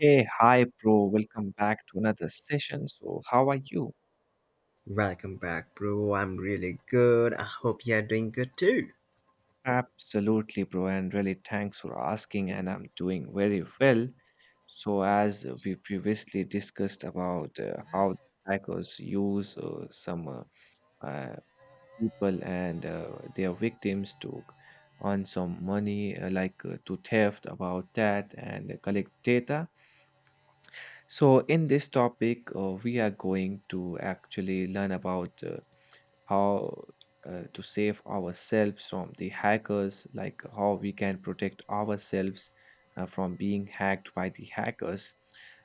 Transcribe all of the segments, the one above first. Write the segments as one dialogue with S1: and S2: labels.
S1: Hey, hi, bro. Welcome back to another session. So, how are you?
S2: Welcome back, bro. I'm really good. I hope you're doing good too.
S1: Absolutely, bro. And really, thanks for asking. And I'm doing very well. So, as we previously discussed about how hackers use some uh, people and their victims to earn some money, like to theft about that and collect data. So, in this topic, we are going to actually learn about how to save ourselves from the hackers, like how we can protect ourselves from being hacked by the hackers.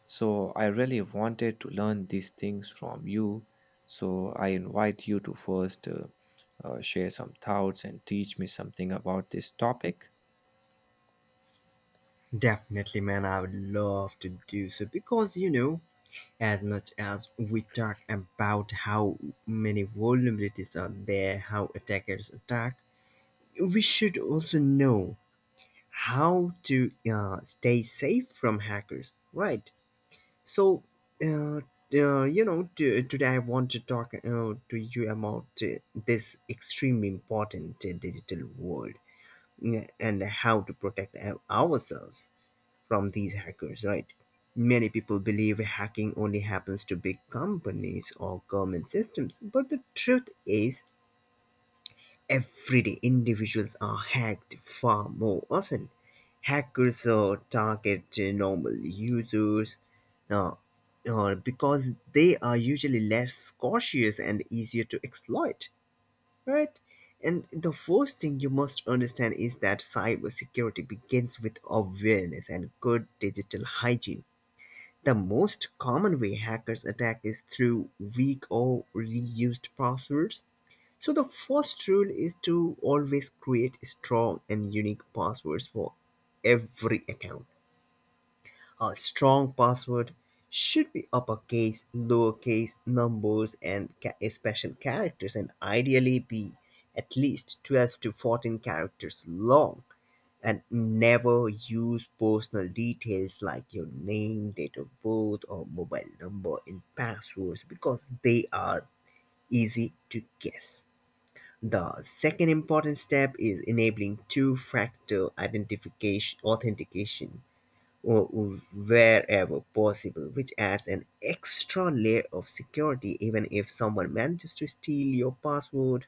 S1: So, I really wanted to learn these things from you. So, I invite you to first share some thoughts and teach me something about this topic.
S2: Definitely, man. I would love to do so because you know, as much as we talk about how many vulnerabilities are there, how attackers attack, we should also know how to stay safe from hackers, right? So, uh, Today I want to talk to you about this extremely important digital world and how to protect ourselves from these hackers, right? Many people believe hacking only happens to big companies or government systems, but the truth is, everyday individuals are hacked far more often. Hackers target normal users uh, because they are usually less cautious and easier to exploit. Right? And the first thing you must understand is that cybersecurity begins with awareness and good digital hygiene. The most common way hackers attack is through weak or reused passwords. So, the first rule is to always create strong and unique passwords for every account. A strong password should be uppercase, lowercase, numbers, and special characters, and ideally be at least 12 to 14 characters long. And never use personal details like your name, date of birth, or mobile number in passwords because they are easy to guess. The second important step is enabling two factor identification authentication or wherever possible, which adds an extra layer of security even if someone manages to steal your password,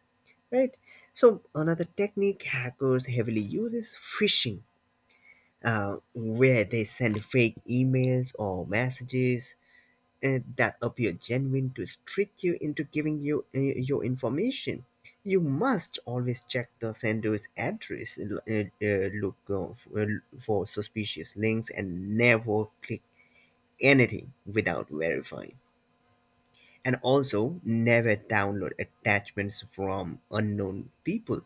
S2: right? So, another technique hackers heavily use is phishing, where they send fake emails or messages that appear genuine to trick you into giving you your information. You must always check the sender's address, look for suspicious links, and never click anything without verifying, and also never download attachments from unknown people.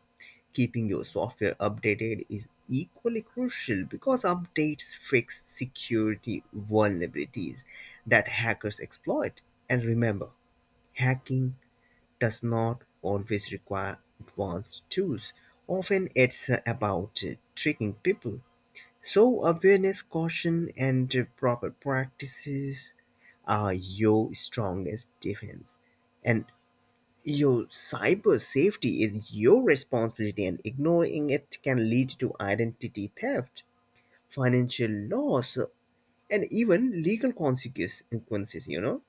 S2: Keeping your software updated is equally crucial because updates fix security vulnerabilities that hackers exploit. And remember, hacking does not always require advanced tools. Often it's about tricking people, so awareness, caution, and proper practices are your strongest defense. And your cyber safety is your responsibility, and ignoring it can lead to identity theft, financial loss, and even legal consequences, you know?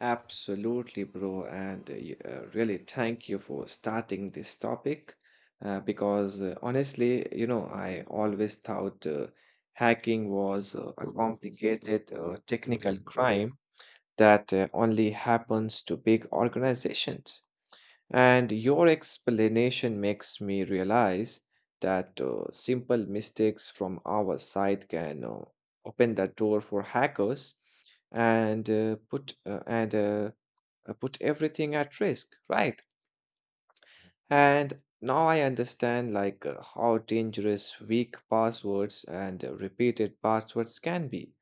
S1: Absolutely, bro. And really, thank you for starting this topic. Because honestly, you know, I always thought hacking was a complicated technical crime that only happens to big organizations. And your explanation makes me realize that simple mistakes from our side can open the door for hackers and put everything at risk, right? And now I understand like how dangerous weak passwords and repeated passwords can be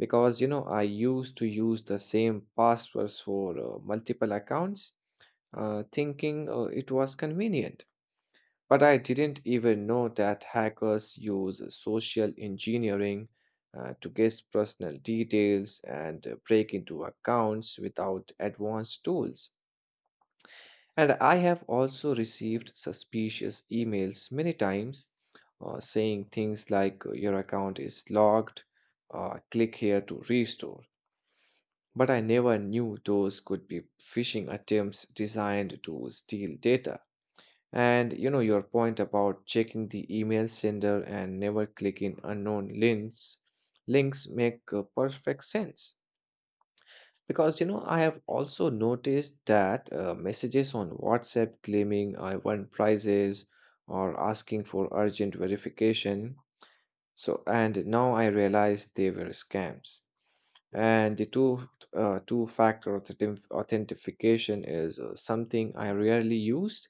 S1: because you know I used to use the same passwords for multiple accounts, thinking it was convenient. But I didn't even know that hackers use social engineering to guess personal details and break into accounts without advanced tools. And I have also received suspicious emails many times saying things like, "Your account is locked, click here to restore." But I never knew those could be phishing attempts designed to steal data. And you know, your point about checking the email sender and never clicking unknown links make perfect sense. Because you know, I have also noticed that messages on WhatsApp claiming I won prizes or asking for urgent verification. So, and now I realize they were scams. And the two factor authentication is something I rarely used,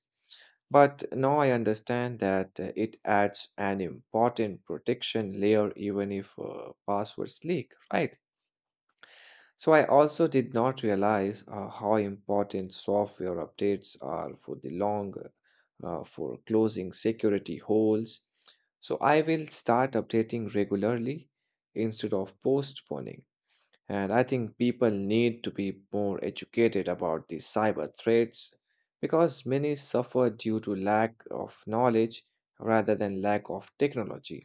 S1: but now I understand that it adds an important protection layer even if passwords leak, right? So I also did not realize how important software updates are for the long for closing security holes. So I will start updating regularly instead of postponing. And I think people need to be more educated about the cyber threats because many suffer due to lack of knowledge rather than lack of technology.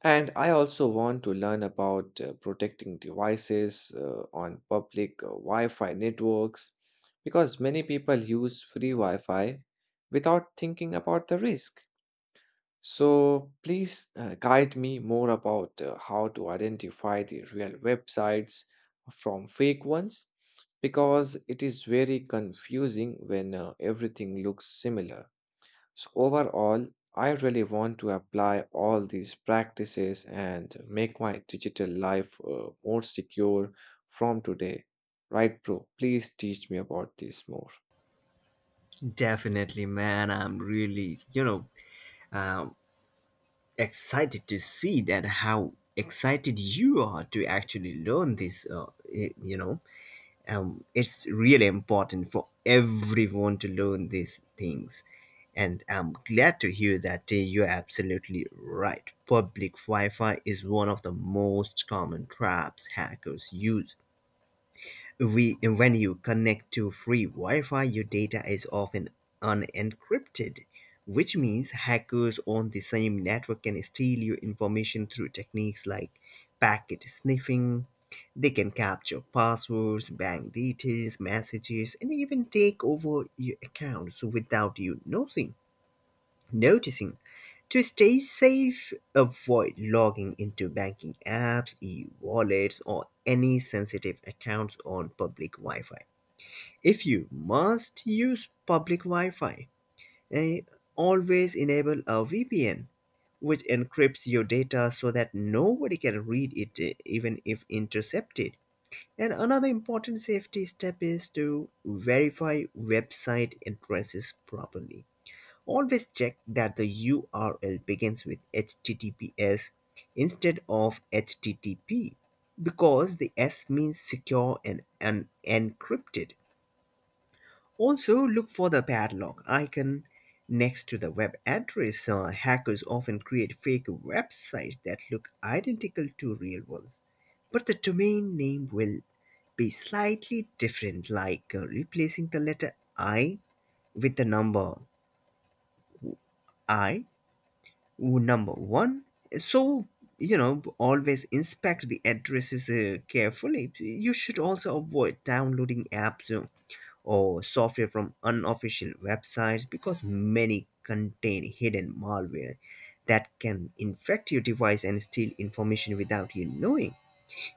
S1: And I also want to learn about protecting devices on public Wi Fi networks because many people use free Wi Fi without thinking about the risk. So please guide me more about how to identify the real websites from fake ones because it is very confusing when everything looks similar. So overall, I really want to apply all these practices and make my digital life more secure from today. Right, bro? Please teach me about this more.
S2: Definitely, man. I'm um, excited to see that how excited you are to actually learn this, eh, you know. It's really important for everyone to learn these things, and I'm glad to hear that. You're absolutely right, public Wi-Fi is one of the most common traps hackers use. We When you connect to free Wi-Fi, your data is often unencrypted, which means hackers on the same network can steal your information through techniques like packet sniffing. They can capture passwords, bank details, messages, and even take over your accounts without you noticing. To stay safe, avoid logging into banking apps, e wallets, or any sensitive accounts on public Wi Fi. If you must use public Wi Fi, always enable a VPN, which encrypts your data so that nobody can read it, even if intercepted. And another important safety step is to verify website addresses properly. Always check that the URL begins with HTTPS instead of HTTP because the S means secure and encrypted. Also, look for the padlock icon next to the web address. Hackers often create fake websites that look identical to real ones, but the domain name will be slightly different, like replacing the letter I with the number I, number one. So, you know, always inspect the addresses carefully. You should also avoid downloading apps or software from unofficial websites because many contain hidden malware that can infect your device and steal information without you knowing.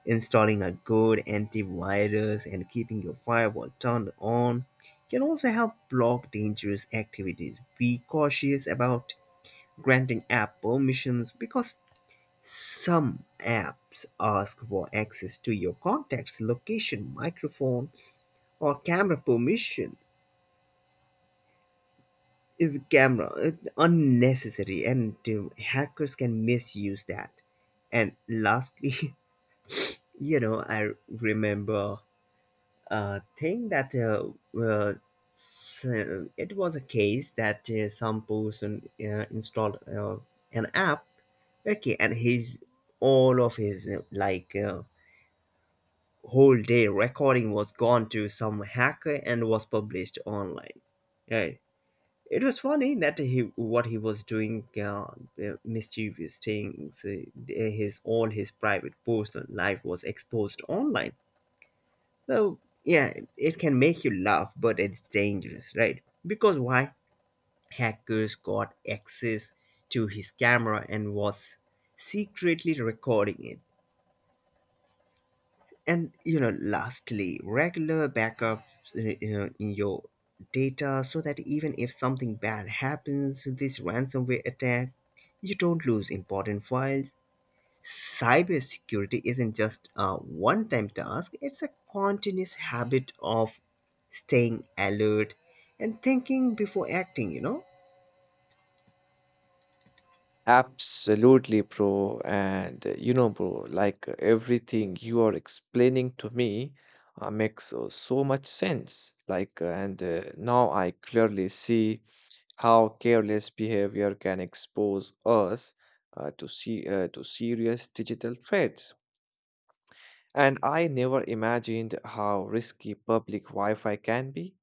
S2: Installing a good antivirus and keeping your firewall turned on can also help block dangerous activities. Be cautious about granting app permissions because some apps ask for access to your contacts, location, microphone, or camera permission if camera it's unnecessary, and hackers can misuse that. And lastly, you know, I remember a thing that it was a case that some person installed an app, okay, and his all of his like whole day recording was gone to some hacker and was published online, right? It was funny that he what he was doing, mischievous things. His all his private personal life was exposed online. So yeah, it can make you laugh, but it's dangerous, right? Because why? Hackers got access to his camera and was secretly recording it. And you know, lastly, regular backup, you know, in your data, so that even if something bad happens, this ransomware attack, you don't lose important files. Cybersecurity isn't just a one time task, it's a continuous habit of staying alert and thinking before acting, you know?
S1: Absolutely, bro. And you know, bro, like everything you are explaining to me makes so much sense. Like, and Now I clearly see how careless behavior can expose us to serious digital threats. And I never imagined how risky public Wi-Fi can be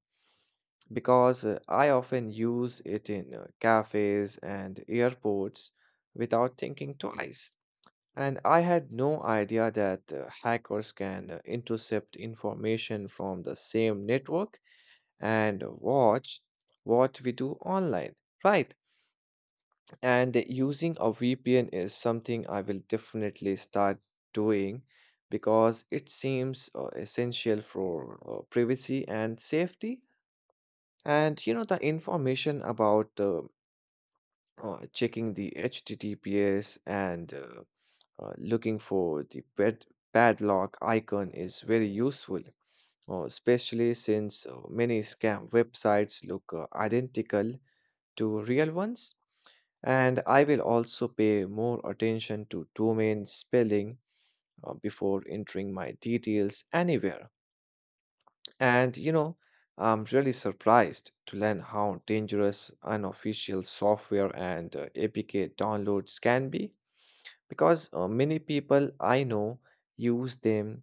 S1: because I often use it in cafes and airports without thinking twice. And I had no idea that hackers can intercept information from the same network and watch what we do online. Right. And using a VPN is something I will definitely start doing because it seems essential for privacy and safety. And you know, the information about checking the HTTPS and looking for the padlock icon is very useful, especially since many scam websites look identical to real ones. And I will also pay more attention to domain spelling before entering my details anywhere. And you know, I'm really surprised to learn how dangerous unofficial software and APK downloads can be because many people I know use them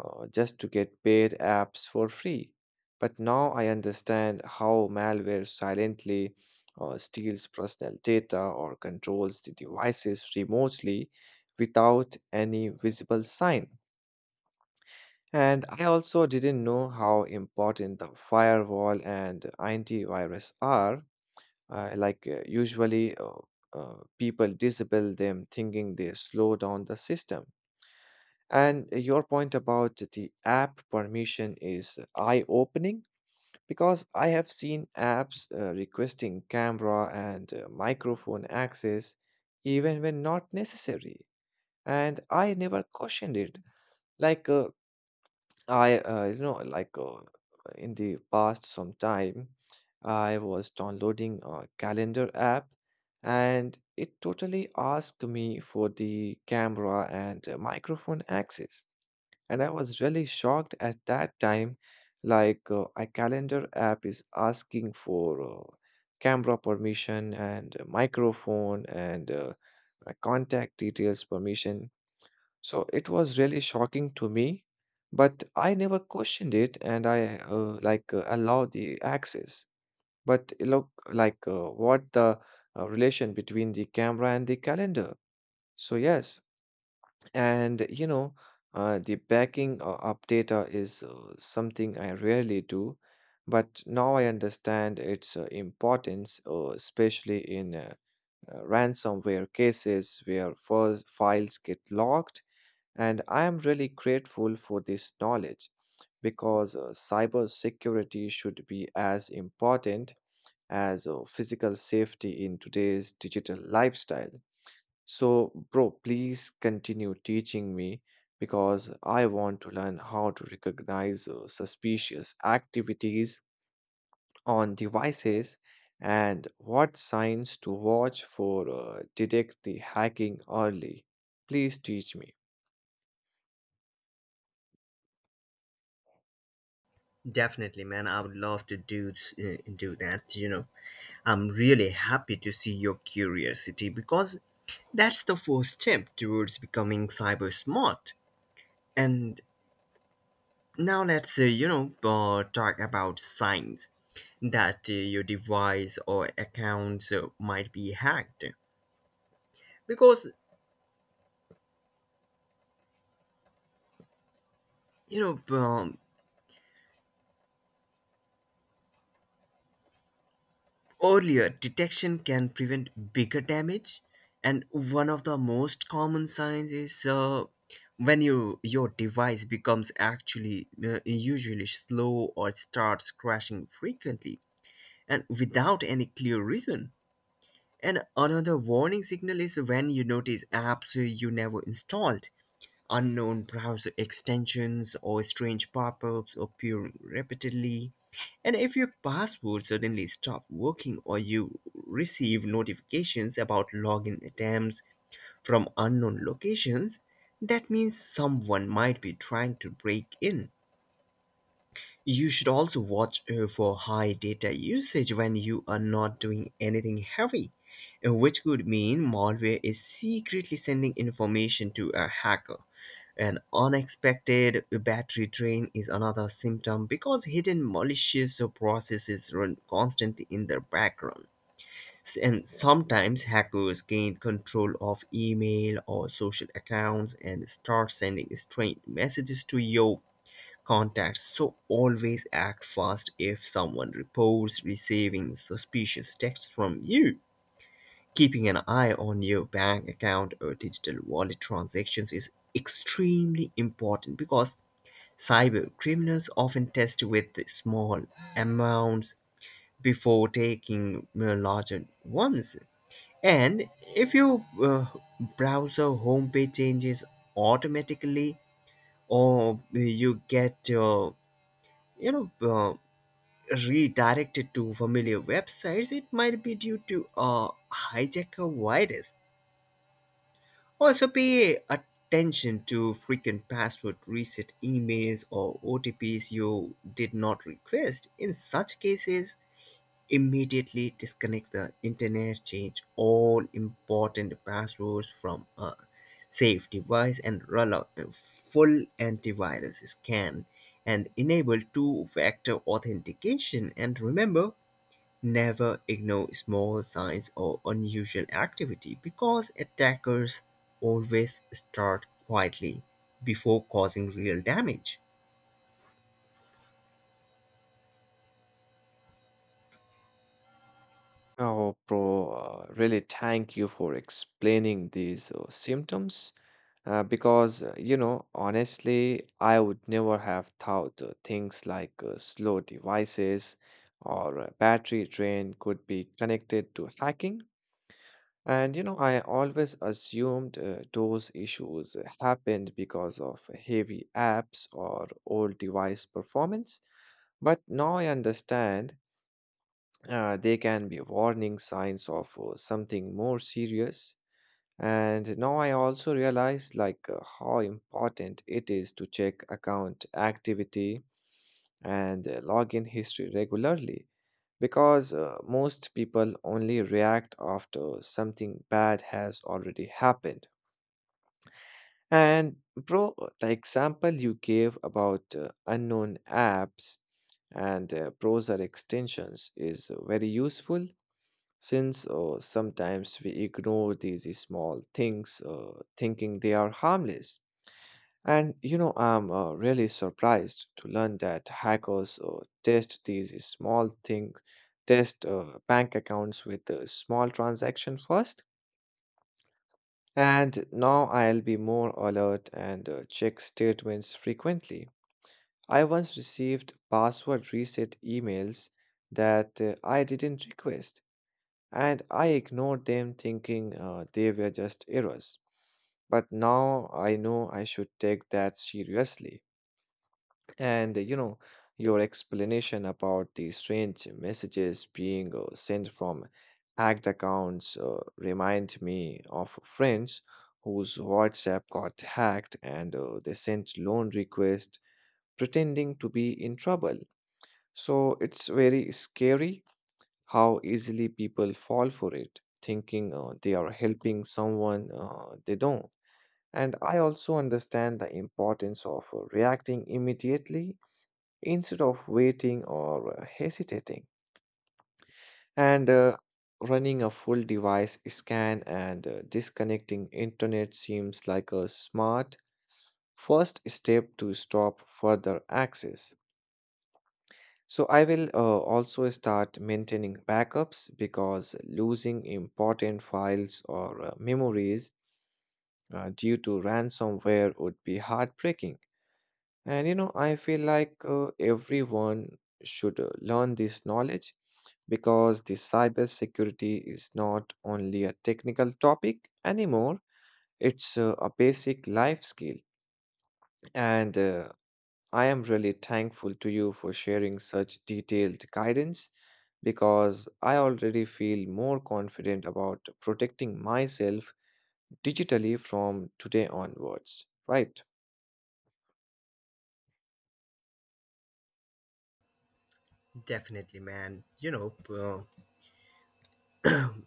S1: just to get paid apps for free. But now I understand how malware silently steals personal data or controls the devices remotely without any visible sign. And I also didn't know how important the firewall and antivirus are. Usually, people disable them thinking they slow down the system, and your point about the app permission is eye opening because I have seen apps requesting camera and microphone access even when not necessary. And I never questioned it. Like, I, you know, like In the past, some time I was downloading a calendar app and it totally asked me for the camera and microphone access, and I was really shocked at that time. Like, a calendar app is asking for camera permission and a microphone and a contact details permission. So it was really shocking to me, but I never questioned it, and I allowed the access. But look, like what the relation between the camera and the calendar? So yes, and you know, the backing up data is something I rarely do, but now I understand its importance, especially in ransomware cases where files get locked. And I am really grateful for this knowledge because cyber security should be as important as physical safety in today's digital lifestyle. So, bro, please continue teaching me because I want to learn how to recognize suspicious activities on devices and what signs to watch for detect the hacking early. Please teach me.
S2: Definitely, man. I would love to do that. You know, I'm really happy to see your curiosity because that's the first step towards becoming cyber smart. And now let's, talk about signs that your device or account might be hacked. Because, you know, earlier detection can prevent bigger damage. And one of the most common signs is your device becomes actually usually slow or starts crashing frequently and without any clear reason. And another warning signal is when you notice apps you never installed, unknown browser extensions, or strange pop ups appearing repeatedly. And if your password suddenly stops working or you receive notifications about login attempts from unknown locations, that means someone might be trying to break in. You should also watch for high data usage when you are not doing anything heavy, which could mean malware is secretly sending information to a hacker. An unexpected battery drain is another symptom because hidden malicious processes run constantly in the background. And sometimes hackers gain control of email or social accounts and start sending strange messages to your contacts, so always act fast if someone reports receiving suspicious texts from you. Keeping an eye on your bank account or digital wallet transactions is extremely important because cyber criminals often test with small amounts before taking larger ones. And if your browser homepage changes automatically, or you get you know uh, redirected to familiar websites, it might be due to a hijacker virus. Also, pay attention to frequent password reset emails or OTPs you did not request. In such cases, immediately disconnect the internet, change all important passwords from a safe device, and roll out a full antivirus scan and enable two factor authentication. And remember, never ignore small signs or unusual activity because attackers always start quietly before causing real damage.
S1: Oh, bro, really thank you for explaining these symptoms. Because, you know, honestly, I would never have thought things like slow devices or battery drain could be connected to hacking. And, you know, I always assumed those issues happened because of heavy apps or old device performance. But now I understand they can be warning signs of something more serious. And now I also realize like how important it is to check account activity and login history regularly because most people only react after something bad has already happened. And bro, the example you gave about unknown apps and browser extensions is very useful since sometimes we ignore these small things, thinking they are harmless. And you know, I'm really surprised to learn that hackers test bank accounts with a small transaction first. And now I'll be more alert and check statements frequently. I once received password reset emails that I didn't request and I ignored them thinking they were just errors. But now I know I should take that seriously. And you know, your explanation about the strange messages being sent from hacked accounts remind me of friends whose WhatsApp got hacked and they sent loan requests pretending to be in trouble. So it's very scary how easily people fall for it, thinking they are helping someone they don't. And I also understand the importance of reacting immediately instead of waiting or hesitating. And running a full device scan and disconnecting internet seems like a smart first step to stop further access. So I will also start maintaining backups because losing important files or memories due to ransomware would be heartbreaking. And you know, I feel like everyone should learn this knowledge because the cybersecurity is not only a technical topic anymore, it's a basic life skill. And I am really thankful to you for sharing such detailed guidance because I already feel more confident about protecting myself digitally from today onwards, right?
S2: Definitely, man. You know,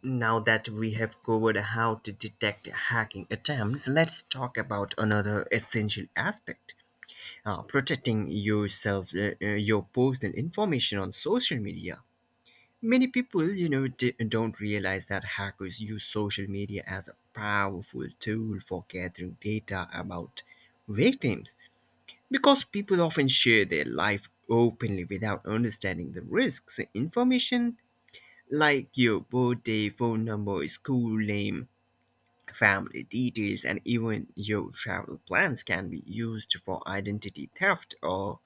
S2: now that we have covered how to detect hacking attempts, let's talk about another essential aspect, protecting yourself, your personal information on social media. Many people, you know, don't realize that hackers use social media as a powerful tool for gathering data about victims because people often share their life openly without understanding the risks. Information like your birthday, phone number, school name, family details, and even your travel plans can be used for identity theft or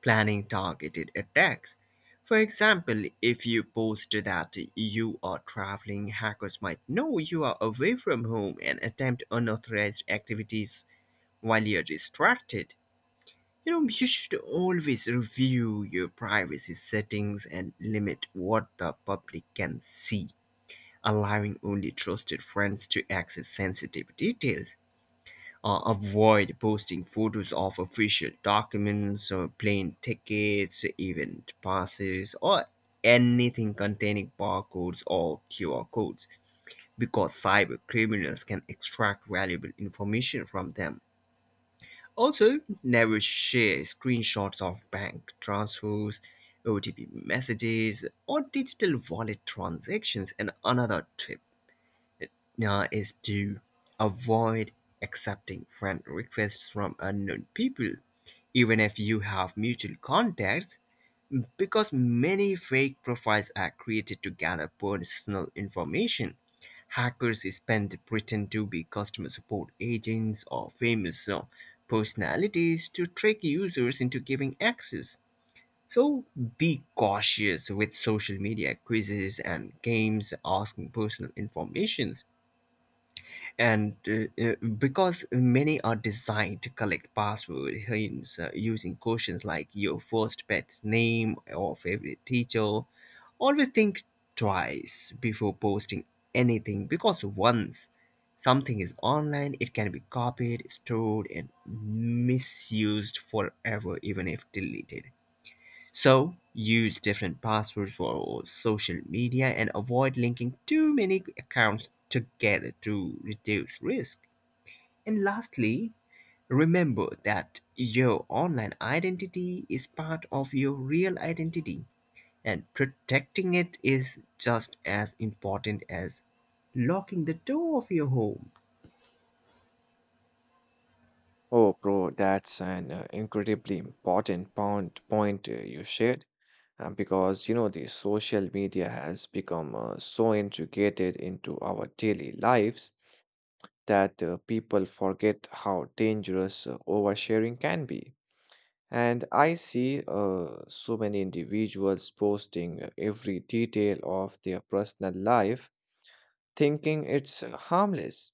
S2: planning targeted attacks. For example, if you post that you are traveling, hackers might know you are away from home and attempt unauthorized activities while you're distracted. You know, you should always review your privacy settings and limit what the public can see, allowing only trusted friends to access sensitive details. Avoid posting photos of official documents or plane tickets, event passes, or anything containing barcodes or QR codes because cyber criminals can extract valuable information from them. Also, never share screenshots of bank transfers, OTP messages, or digital wallet transactions. And another tip is to avoid accepting friend requests from unknown people, even if you have mutual contacts, because many fake profiles are created to gather personal information. Hackers spend pretend to be customer support agents or famous personalities to trick users into giving access. So be cautious with social media quizzes and games asking personal informations, and because many are designed to collect password hints using questions like your first pet's name or favorite teacher. Always think twice before posting anything, because once something is online it can be copied, stored, and misused forever even if deleted. So, use different passwords for all social media and avoid linking too many accounts together to reduce risk. And lastly, remember that your online identity is part of your real identity, and protecting it is just as important as locking the door of your home.
S1: Oh, bro, that's an incredibly important point you shared because you know the social media has become so integrated into our daily lives that people forget how dangerous oversharing can be. And I see so many individuals posting every detail of their personal life, thinking it's harmless.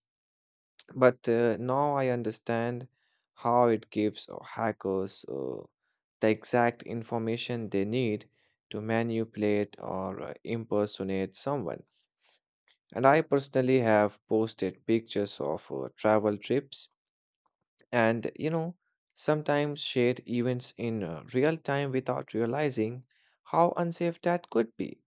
S1: But now I understand how it gives hackers the exact information they need to manipulate or impersonate someone. And I personally have posted pictures of travel trips, and you know, sometimes share events in real time without realizing how unsafe that could be.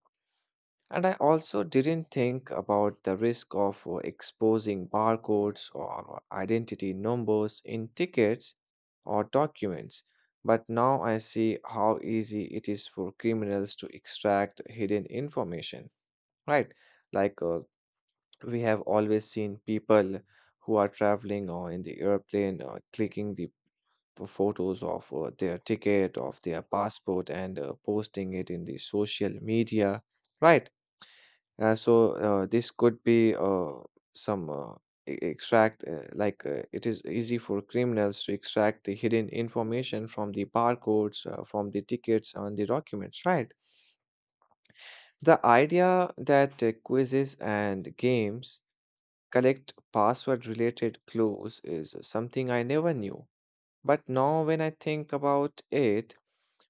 S1: And I also didn't think about the risk of exposing barcodes or identity numbers in tickets or documents, but now I see how easy it is for criminals to extract hidden information, right? Like, we have always seen people who are traveling or in the airplane or clicking the photos of their ticket, of their passport, and posting it in the social media, right? So this could be some e- extract, like it is easy for criminals to extract the hidden information from the barcodes, from the tickets, and the documents, right? The idea that quizzes and games collect password related clues is something I never knew. But now, when I think about it,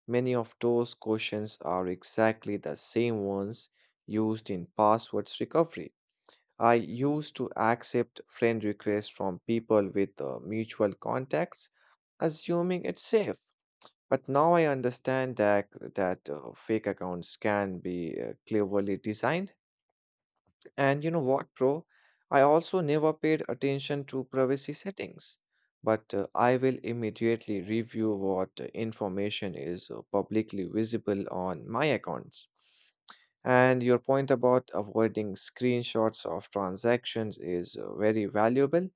S1: many of those questions are exactly the same ones used in passwords recovery. I used to accept friend requests from people with mutual contacts, assuming it's safe. But now I understand that fake accounts can be cleverly designed. And you know what, bro? I also never paid attention to privacy settings, but I will immediately review what information is publicly visible on my accounts. And your point about avoiding screenshots of transactions is very valuable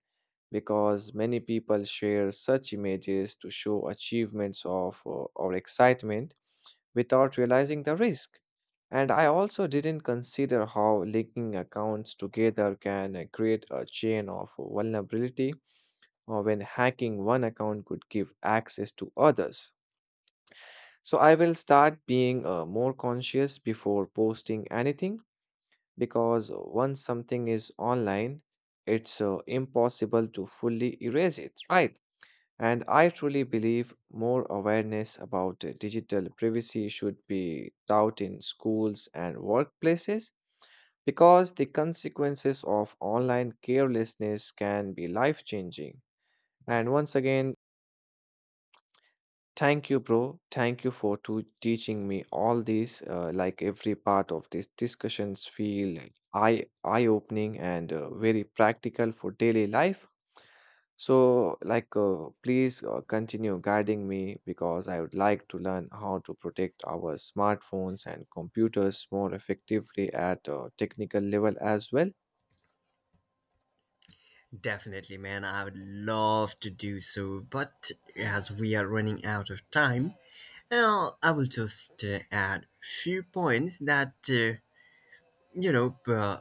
S1: because many people share such images to show achievements of or excitement without realizing the risk. And I also didn't consider how linking accounts together can create a chain of vulnerability or when hacking one account could give access to others. So I will start being more conscious before posting anything because once something is online, it's impossible to fully erase it, right? And I truly believe more awareness about digital privacy should be taught in schools and workplaces because the consequences of online carelessness can be life changing. And once again, thank you, bro. Thank you for to teaching me all these. Like every part of these discussions feel eye- opening and very practical for daily life. So, like, please continue guiding me because I would like to learn how to protect our smartphones and computers more effectively at a technical level as well.
S2: Definitely, man. I would love to do so, but as we are running out of time, well, I will just add few points that you know uh,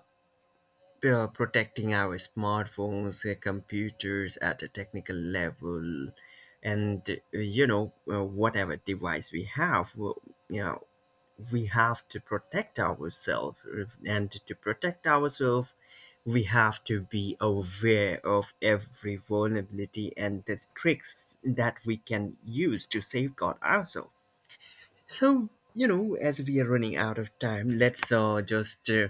S2: protecting our smartphones, computers at a technical level, and whatever device we have, well, you know, we have to protect ourselves, and to protect ourselves, we have to be aware of every vulnerability and the tricks that we can use to safeguard ourselves. So you know, as we are running out of time, let's just.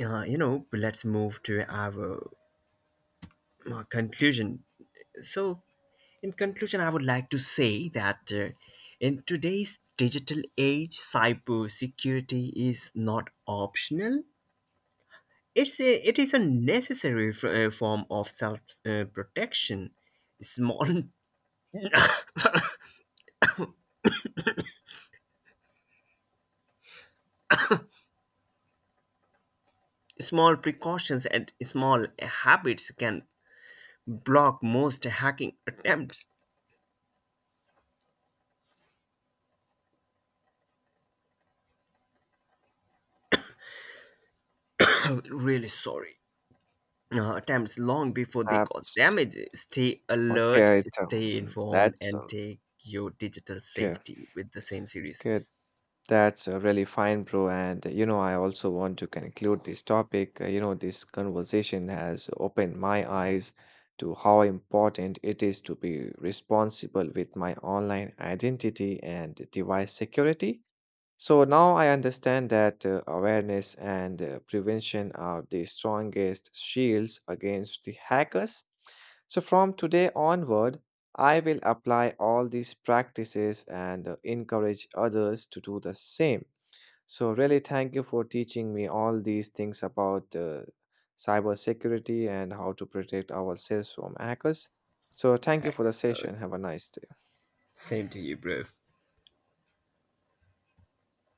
S2: You know, let's move to our conclusion. So, in conclusion, I would like to say that in today's digital age, cybersecurity is not optional. It is a necessary form of self protection. Small small precautions and small habits can block most hacking attempts. Really sorry. Attempts long before they cause
S1: Apps.
S2: damage. Stay alert,
S1: Okay, it,
S2: stay
S1: um,
S2: informed,
S1: that's uh,
S2: and take your digital
S1: okay.
S2: safety with the same
S1: Okay,
S2: seriousness.
S1: that's really fine, bro. And you know, I also want to conclude this topic. You know, this conversation has opened my eyes to how important it is to be responsible with my online identity and device security. So now I understand that awareness and prevention are the strongest shields against the hackers. So from today onward, I will apply all these practices and encourage others to do the same. So really thank you for teaching me all these things about cybersecurity and how to protect ourselves from hackers. So thank you for the
S2: Thanks.
S1: session. Have a nice day.
S2: Same to you, bro.